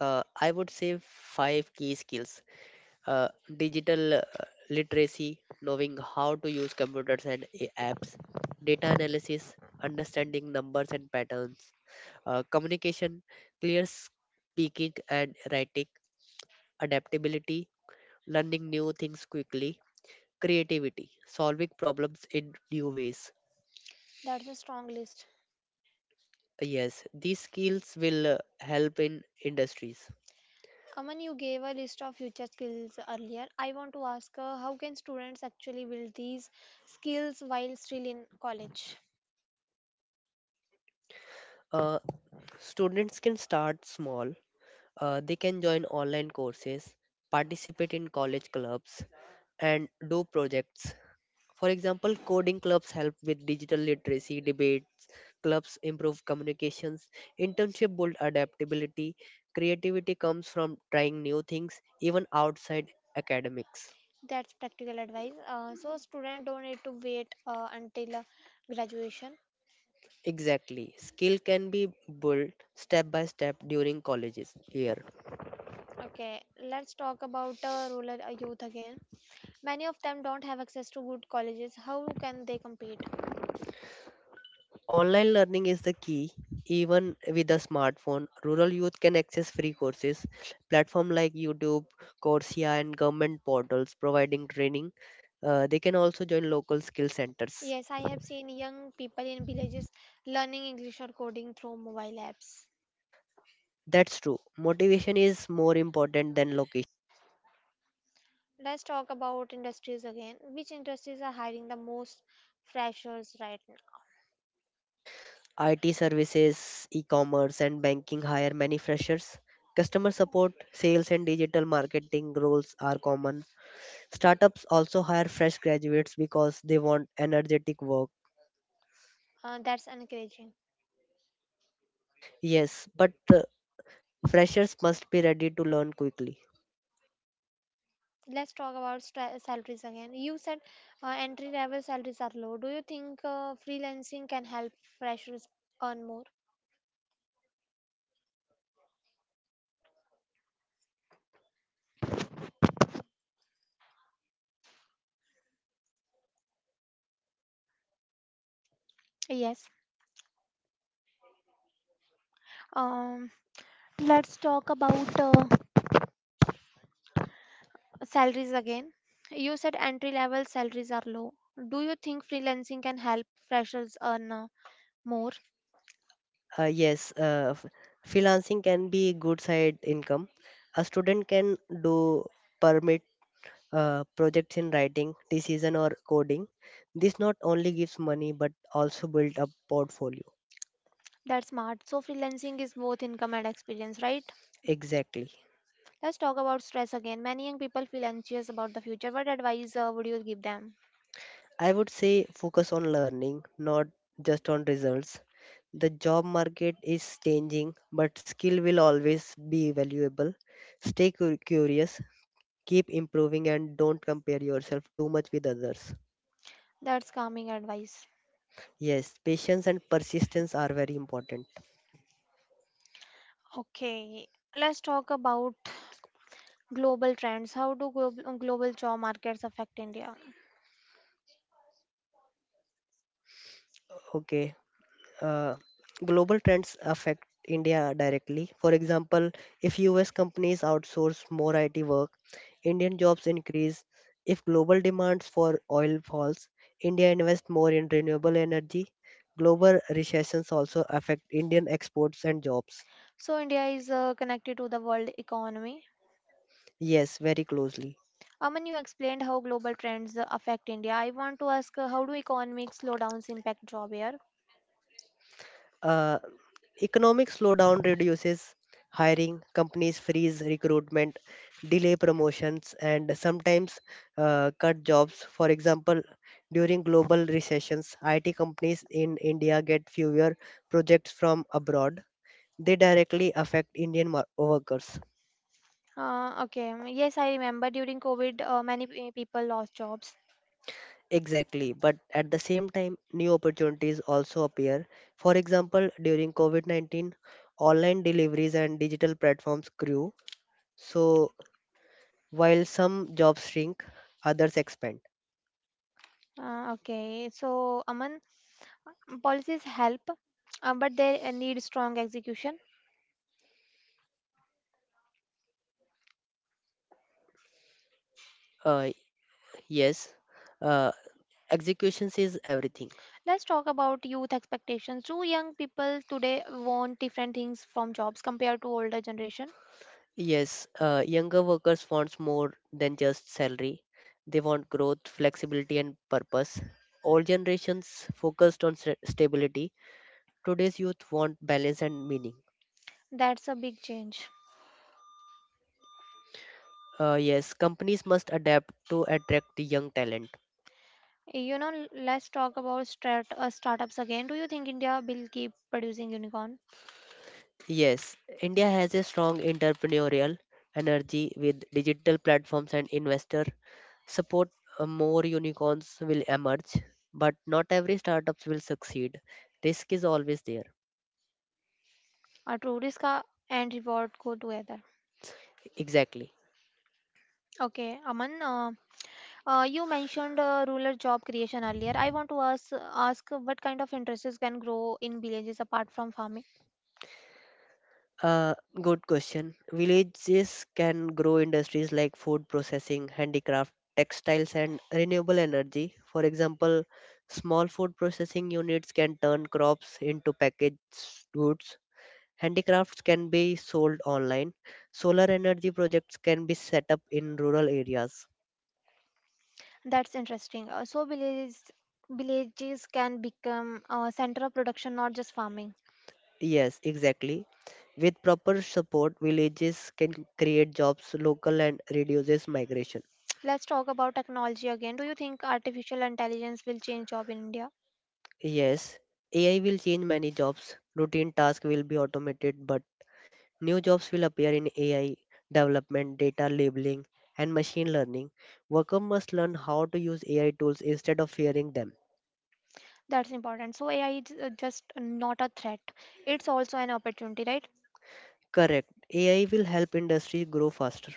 S2: Uh, I would say five key skills: uh, digital uh, literacy, knowing how to use computers and a- apps; data analysis, understanding numbers and patterns; uh, communication, clear speaking and writing; adaptability, learning new things quickly; creativity, solving problems in new ways.
S1: That's a strong list.
S2: Yes, these skills will uh, help in industries.
S1: Aman, you gave a list of future skills earlier. I want to ask uh, how can students actually build these skills while still in college?
S2: Uh, Students can start small. Uh, they can join online courses, participate in college clubs, and do projects. For example, coding clubs help with digital literacy, debate clubs improve communications, internship build adaptability, creativity comes from trying new things even outside academics.
S1: That's practical advice. Uh, so, students don't need to wait uh, until uh, graduation.
S2: Exactly. Skill can be built step by step during colleges year.
S1: Okay, let's talk about uh, rural uh, youth again. Many of them don't have access to good colleges. How can they compete?
S2: Online learning is the key. Even with a smartphone, rural youth can access free courses. Platform like YouTube, Coursera, and government portals providing training. Uh, they can also join local skill centers.
S1: Yes, I have seen young people in villages learning English or coding through mobile apps.
S2: That's true. Motivation is more important than location.
S1: Let's talk about industries again. Which industries are hiring the most freshers right now?
S2: I T services, e-commerce, and banking hire many freshers. Customer support, sales, and digital marketing roles are common. Startups also hire fresh graduates because they want energetic work.
S1: Uh, that's encouraging.
S2: Yes, but uh, freshers must be ready to learn quickly.
S1: Let's talk about stra- salaries again. You said uh, entry level salaries are low. Do you think uh, freelancing can help freshers earn more? Yes. Um, let's talk about uh, salaries again. You said entry level salaries are low. Do you think freelancing can help freshers earn uh, more?
S2: Uh, yes, uh, f- Freelancing can be good side income. A student can do permit uh, projects in writing, decision or coding. This not only gives money but also build a portfolio.
S1: That's smart. So freelancing is both income and experience, right?
S2: Exactly.
S1: Let's talk about stress again. Many young people feel anxious about the future. What advice uh, would you give them?
S2: I would say focus on learning, not just on results. The job market is changing, but skill will always be valuable. Stay cu- curious. Keep improving and don't compare yourself too much with others.
S1: That's calming advice.
S2: Yes, patience and persistence are very important.
S1: Okay, let's talk about global trends. How do global, global job markets affect India?
S2: Okay, uh, global trends affect India directly. For example, if U S companies outsource more I T work, Indian jobs increase. If global demands for oil falls, India invests more in renewable energy. Global recessions also affect Indian exports and jobs.
S1: So, India is uh, connected to the world economy.
S2: Yes, very closely.
S1: Aman, you explained how global trends uh, affect India. I want to ask uh, how do economic slowdowns impact job here?
S2: Uh, Economic slowdown reduces hiring. Companies freeze recruitment, delay promotions, and sometimes uh, cut jobs. For example, during global recessions, I T companies in India get fewer projects from abroad. They directly affect Indian mar- workers.
S1: Uh, okay, yes, I remember during COVID, uh, many pe- people lost jobs.
S2: Exactly, but at the same time, new opportunities also appear. For example, during COVID nineteen, online deliveries and digital platforms grew. So, while some jobs shrink, others expand.
S1: Uh, okay, so Aman, policies help, uh, but they uh, need strong execution.
S2: Uh, yes, uh, executions is everything.
S1: Let's talk about youth expectations. Do young people today want different things from jobs compared to older generation?
S2: Yes, uh, younger workers wants more than just salary. They want growth, flexibility, and purpose. Old generations focused on sta- stability. Today's youth want balance and meaning.
S1: That's a big change.
S2: Uh, yes, companies must adapt to attract the young talent.
S1: You know, l- let's talk about start, uh, startups again. Do you think India will keep producing unicorn?
S2: Yes, India has a strong entrepreneurial energy with digital platforms and investor support. uh, More unicorns will emerge, but not every startups will succeed. Risk is always there.
S1: A true risk uh, and reward go together.
S2: Exactly.
S1: Okay, Aman, uh, uh, you mentioned uh, rural job creation earlier. I want to ask, ask what kind of industries can grow in villages apart from farming?
S2: Uh, Good question. Villages can grow industries like food processing, handicraft, textiles, and renewable energy. For example, small food processing units can turn crops into packaged goods. Handicrafts can be sold online. Solar energy projects can be set up in rural areas.
S1: That's interesting. Uh, so villages villages can become a center of production, not just farming.
S2: Yes, exactly. With proper support, villages can create jobs local and reduces migration.
S1: Let's talk about technology again. Do you think artificial intelligence will change job in India?
S2: Yes, A I will change many jobs. Routine tasks will be automated, but new jobs will appear in A I development, data labeling, and machine learning. Workers must learn how to use A I tools instead of fearing them.
S1: That's important. So A I is uh, just not a threat. It's also an opportunity, right?
S2: Correct. A I will help industry grow faster.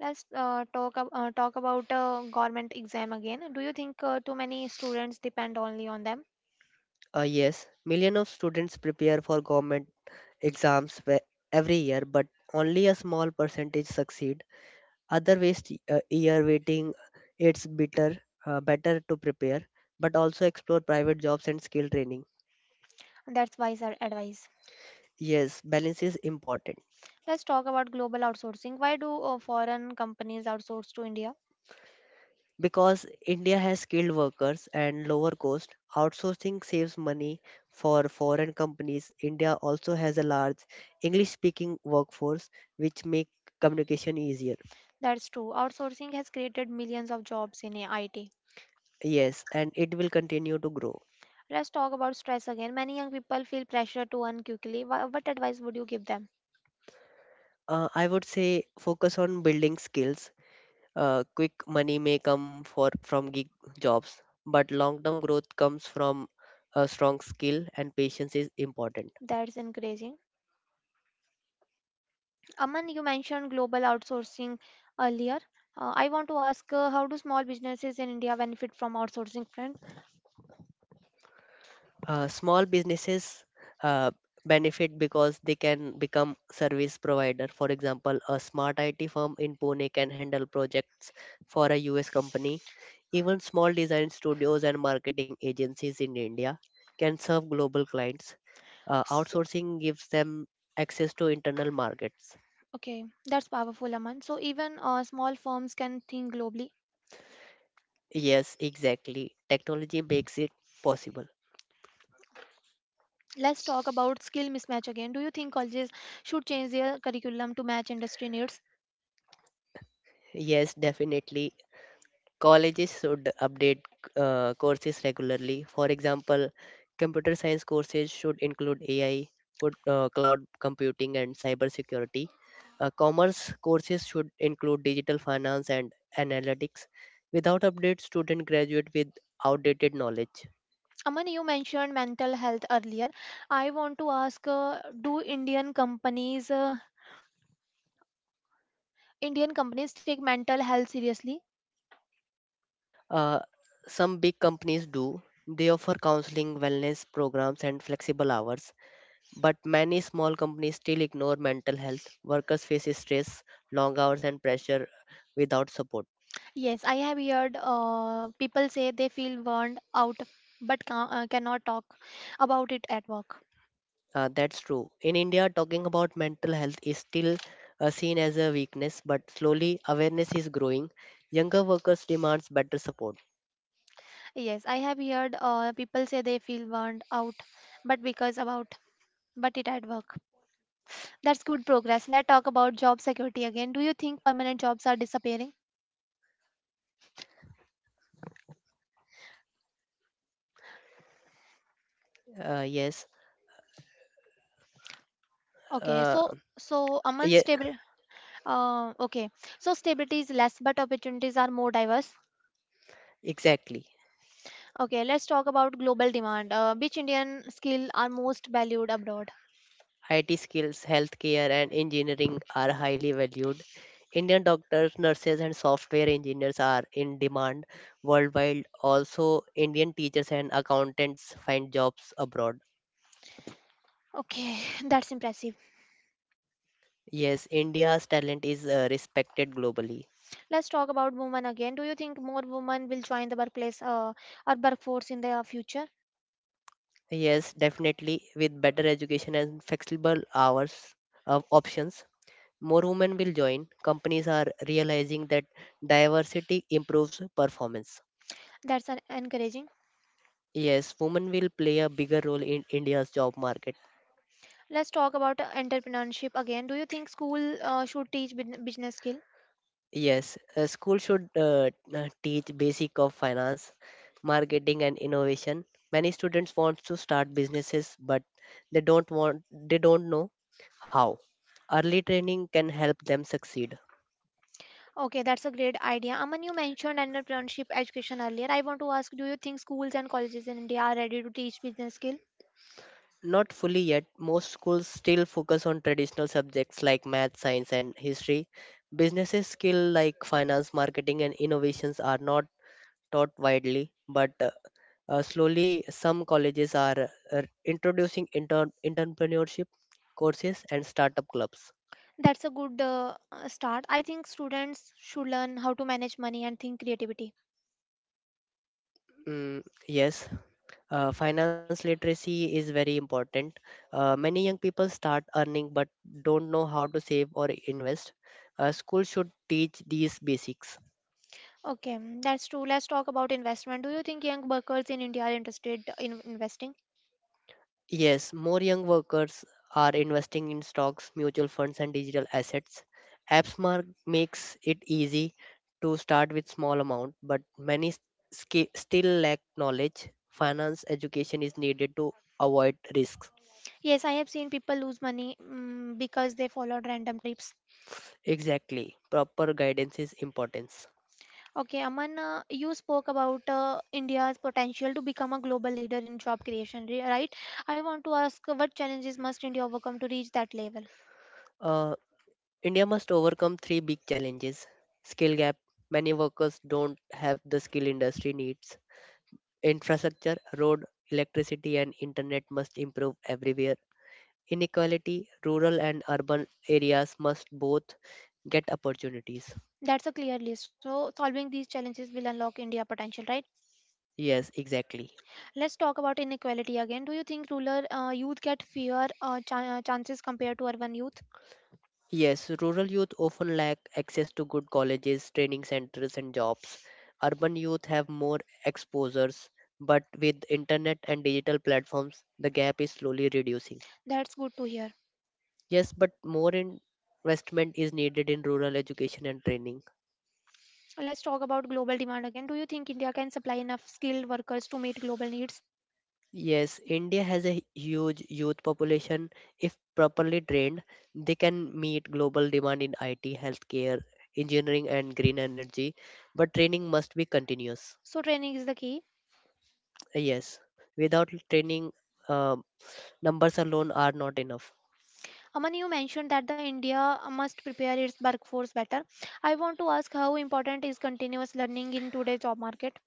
S1: Let's uh, talk ab- uh, talk about uh, government exam again. Do you think uh, too many students depend only on them?
S2: Uh, yes, millions of students prepare for government exams whe- every year, but only a small percentage succeed. Other waste a year waiting. It's better, uh, better to prepare, but also explore private jobs and skill training.
S1: That's wise ad- advice.
S2: Yes, balance is important
S1: Let's talk about global outsourcing. Why do uh, foreign companies outsource to India?
S2: because India has skilled workers and lower cost. Outsourcing saves money for foreign companies. India also has a large English-speaking workforce, which make communication easier.
S1: That's true. Outsourcing has created millions of jobs in I T.
S2: Yes, and it will continue to grow.
S1: Let's talk about stress again. Many young people feel pressure to earn quickly. Wha- What advice would you give them?
S2: Uh, I would say focus on building skills. Uh, quick money may come for from gig jobs, but long-term growth comes from a strong skill and patience is important.
S1: That's encouraging. Aman, you mentioned global outsourcing earlier. Uh, I want to ask uh, how do small businesses in India benefit from outsourcing trend?
S2: Uh, small businesses uh, benefit because they can become service provider. For example, a smart I T firm in Pune can handle projects for a U S company. Even small design studios and marketing agencies in India can serve global clients. Uh,
S1: S-
S2: outsourcing gives them access to internal markets.
S1: okay, that's powerful, Aman. So even uh, small firms can think globally.
S2: Yes, exactly. Technology makes it possible.
S1: Let's talk about skill mismatch again. Do you think colleges should change their curriculum to match industry needs?
S2: Yes, definitely. Colleges should update uh, courses regularly. For example, computer science courses should include A I, good, uh, cloud computing, and cybersecurity. Uh, commerce courses should include digital finance and analytics. Without updates, students graduate with outdated knowledge.
S1: Aman, you mentioned mental health earlier. I want to ask, uh, do Indian companies uh, Indian companies take mental health seriously?
S2: Uh, some big companies do. They offer counseling, wellness programs, and flexible hours. But many small companies still ignore mental health. Workers face stress, long hours, and pressure without support.
S1: Yes, I have heard uh, people say they feel burned out but ca- uh, cannot talk about it at work.
S2: Uh, that's true. In India, talking about mental health is still uh, seen as a weakness, but slowly awareness is growing. Younger workers demands better support.
S1: Yes, I have heard uh, people say they feel burned out but because about but it at work. That's good progress. Let's talk about job security again. Do you think permanent jobs are disappearing?
S2: Uh, yes.
S1: Okay,
S2: Uh,
S1: so so Aman
S2: yeah.
S1: stable. Uh, okay, so stability is less, but opportunities are more diverse.
S2: Exactly.
S1: Okay, let's talk about global demand. Uh, which Indian skill are most valued abroad?
S2: I T skills, healthcare, and engineering are highly valued. Indian doctors, nurses, and software engineers are in demand worldwide. Also, Indian teachers and accountants find jobs abroad.
S1: Okay, that's impressive.
S2: Yes, India's talent is uh, respected globally.
S1: Let's talk about women again. Do you think more women will join the workplace uh, or workforce in the uh, future?
S2: Yes, definitely, with better education and flexible hours of options, more women will join. Companies are realizing that diversity improves performance.
S1: That's an encouraging.
S2: Yes, women will play a bigger role in India's job market.
S1: Let's talk about uh, entrepreneurship again. Do you think school uh, should teach bus- business skill?
S2: Yes, a school should uh, uh, teach basic of finance, marketing and innovation. Many students want to start businesses but they don't want they don't know how. Early training can help them succeed.
S1: Okay, that's a great idea. Aman, you mentioned entrepreneurship education earlier. I want to ask, do you think schools and colleges in India are ready to teach business skill?
S2: Not fully yet, most schools still focus on traditional subjects like math, science and history. Businesses skill like finance, marketing and innovations are not taught widely, but uh, uh, slowly some colleges are uh, introducing inter- entrepreneurship courses and startup clubs.
S1: That's a good uh, uh, start. I think students should learn how to manage money and think creativity.
S2: Mm, yes, uh, finance literacy is very important. Uh, many young people start earning but don't know how to save or invest. Uh, school should teach these basics.
S1: Okay, mm, that's true. Let's talk about investment. Do you think young workers in India are interested in investing?
S2: Yes, more young workers are investing in stocks, mutual funds, and digital assets. AppSmart makes it easy to start with small amount, but many s- ski- still lack knowledge. Finance education is needed to avoid risks.
S1: Yes, I have seen people lose money mm because they followed random trips.
S2: Exactly, proper guidance is important.
S1: Okay, Aman, uh, you spoke about uh, India's potential to become a global leader in job creation, ri- right? I want to ask uh, what challenges must India overcome to reach that level?
S2: Uh, India must overcome three big challenges: skill gap. Many workers don't have the skill industry needs. Infrastructure, road, electricity, and internet must improve everywhere. Inequality, rural and urban areas must both get opportunities.
S1: That's a clear list. So, solving these challenges will unlock India potential, right?
S2: Yes, exactly.
S1: Let's talk about inequality again. Do you think rural uh, youth get fewer uh, chan- uh, chances compared to urban youth?
S2: Yes, rural youth often lack access to good colleges, training centers, and jobs. Urban youth have more exposures, but with internet and digital platforms, the gap is slowly reducing.
S1: That's good to hear.
S2: Yes, but more investment is needed in rural education and training.
S1: Let's talk about global demand again. Do you think India can supply enough skilled workers to meet global needs?
S2: Yes, India has a huge youth population. If properly trained, they can meet global demand in I T, healthcare, engineering, and green energy. But training must be continuous.
S1: So, training is the key.
S2: Yes, without training, uh, numbers alone are not enough.
S1: Aman, you mentioned that the India must prepare its workforce better. I want to ask how important is continuous learning in today's job market?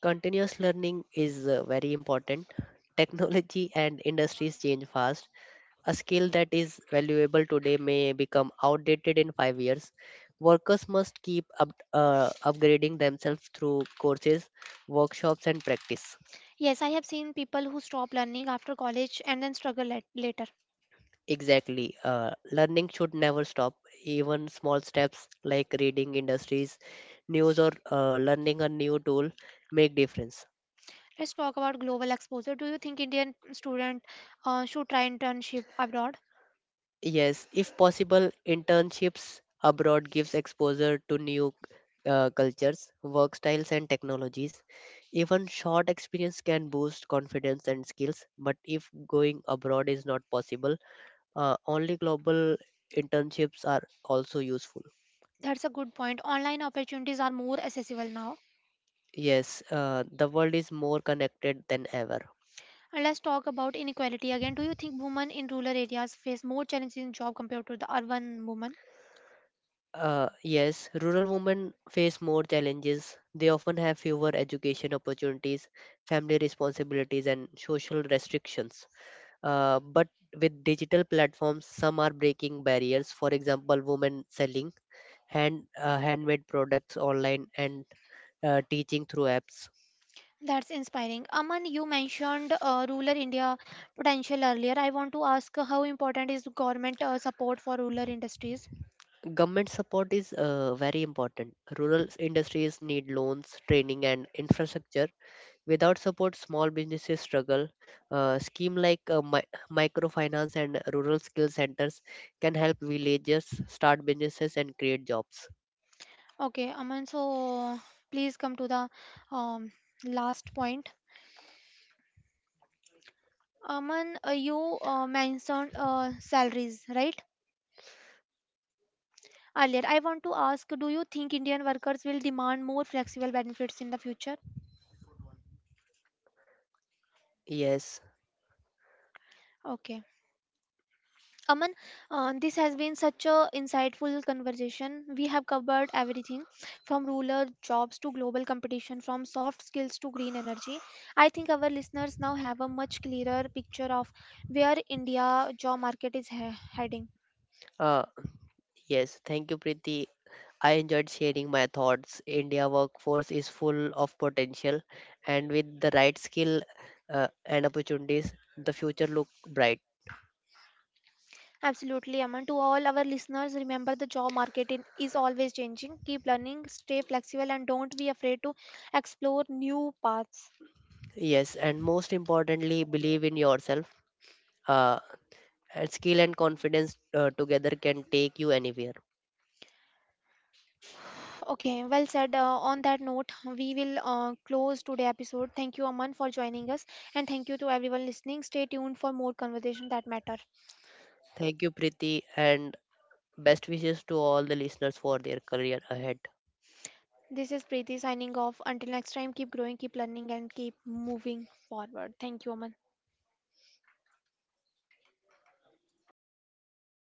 S2: Continuous learning is uh, very important. Technology and industries change fast. A skill that is valuable today may become outdated in five years. Workers must keep up, uh, upgrading themselves through courses, workshops, and practice.
S1: Yes, I have seen people who stop learning after college and then struggle lat- later.
S2: Exactly. Uh, learning should never stop. Even small steps like reading industries, news, or uh, learning a new tool make difference.
S1: Let's talk about global exposure. Do you think Indian student uh, should try internship abroad?
S2: Yes, if possible, internships abroad gives exposure to new uh, cultures, work styles, and technologies. Even short experience can boost confidence and skills. But if going abroad is not possible, uh, only global internships are also useful.
S1: That's a good point. Online opportunities are more accessible now.
S2: Yes, uh, the world is more connected than ever.
S1: And let's talk about inequality again. Do you think women in rural areas face more challenges in job compared to the urban women?
S2: Uh, yes, rural women face more challenges. They often have fewer education opportunities, family responsibilities, and social restrictions. Uh, but with digital platforms, some are breaking barriers. For example, women selling hand uh, handmade products online and uh, teaching through apps.
S1: That's inspiring. Aman, you mentioned uh, rural India potential earlier. I want to ask uh, how important is government uh, support for rural industries?
S2: Government support is uh, very important. Rural industries need loans, training, and infrastructure. Without support, small businesses struggle. Uh, scheme like uh, mi- microfinance and rural skill centers can help villagers start businesses and create jobs.
S1: Okay, Aman, so please come to the um, last point. Aman, uh, you uh, mentioned uh, salaries, right? Earlier, I want to ask, do you think Indian workers will demand more flexible benefits in the future?
S2: Yes,
S1: Okay. Aman, uh, this has been such a insightful conversation. We have covered everything from rural jobs to global competition, from soft skills to green energy. I think our listeners now have a much clearer picture of where India job market is he- heading.
S2: uh, yes. Thank you, Preeti. I enjoyed sharing my thoughts. India workforce is full of potential, and with the right skill uh, and opportunities, the future look bright.
S1: Absolutely, Aman. To all our listeners, remember the job market in, is always changing. Keep learning, stay flexible, and don't be afraid to explore new paths.
S2: Yes, and most importantly, believe in yourself. Uh, and skill and confidence uh, together can take you anywhere.
S1: Okay, well said. Uh, on that note, we will uh, close today episode. Thank you, Aman, for joining us, and thank you to everyone listening. Stay tuned for more conversation that matter.
S2: Thank you, Priti, and best wishes to all the listeners for their career ahead.
S1: This is Preeti signing off. Until next time, keep growing, keep learning, and keep moving forward. Thank you, Aman.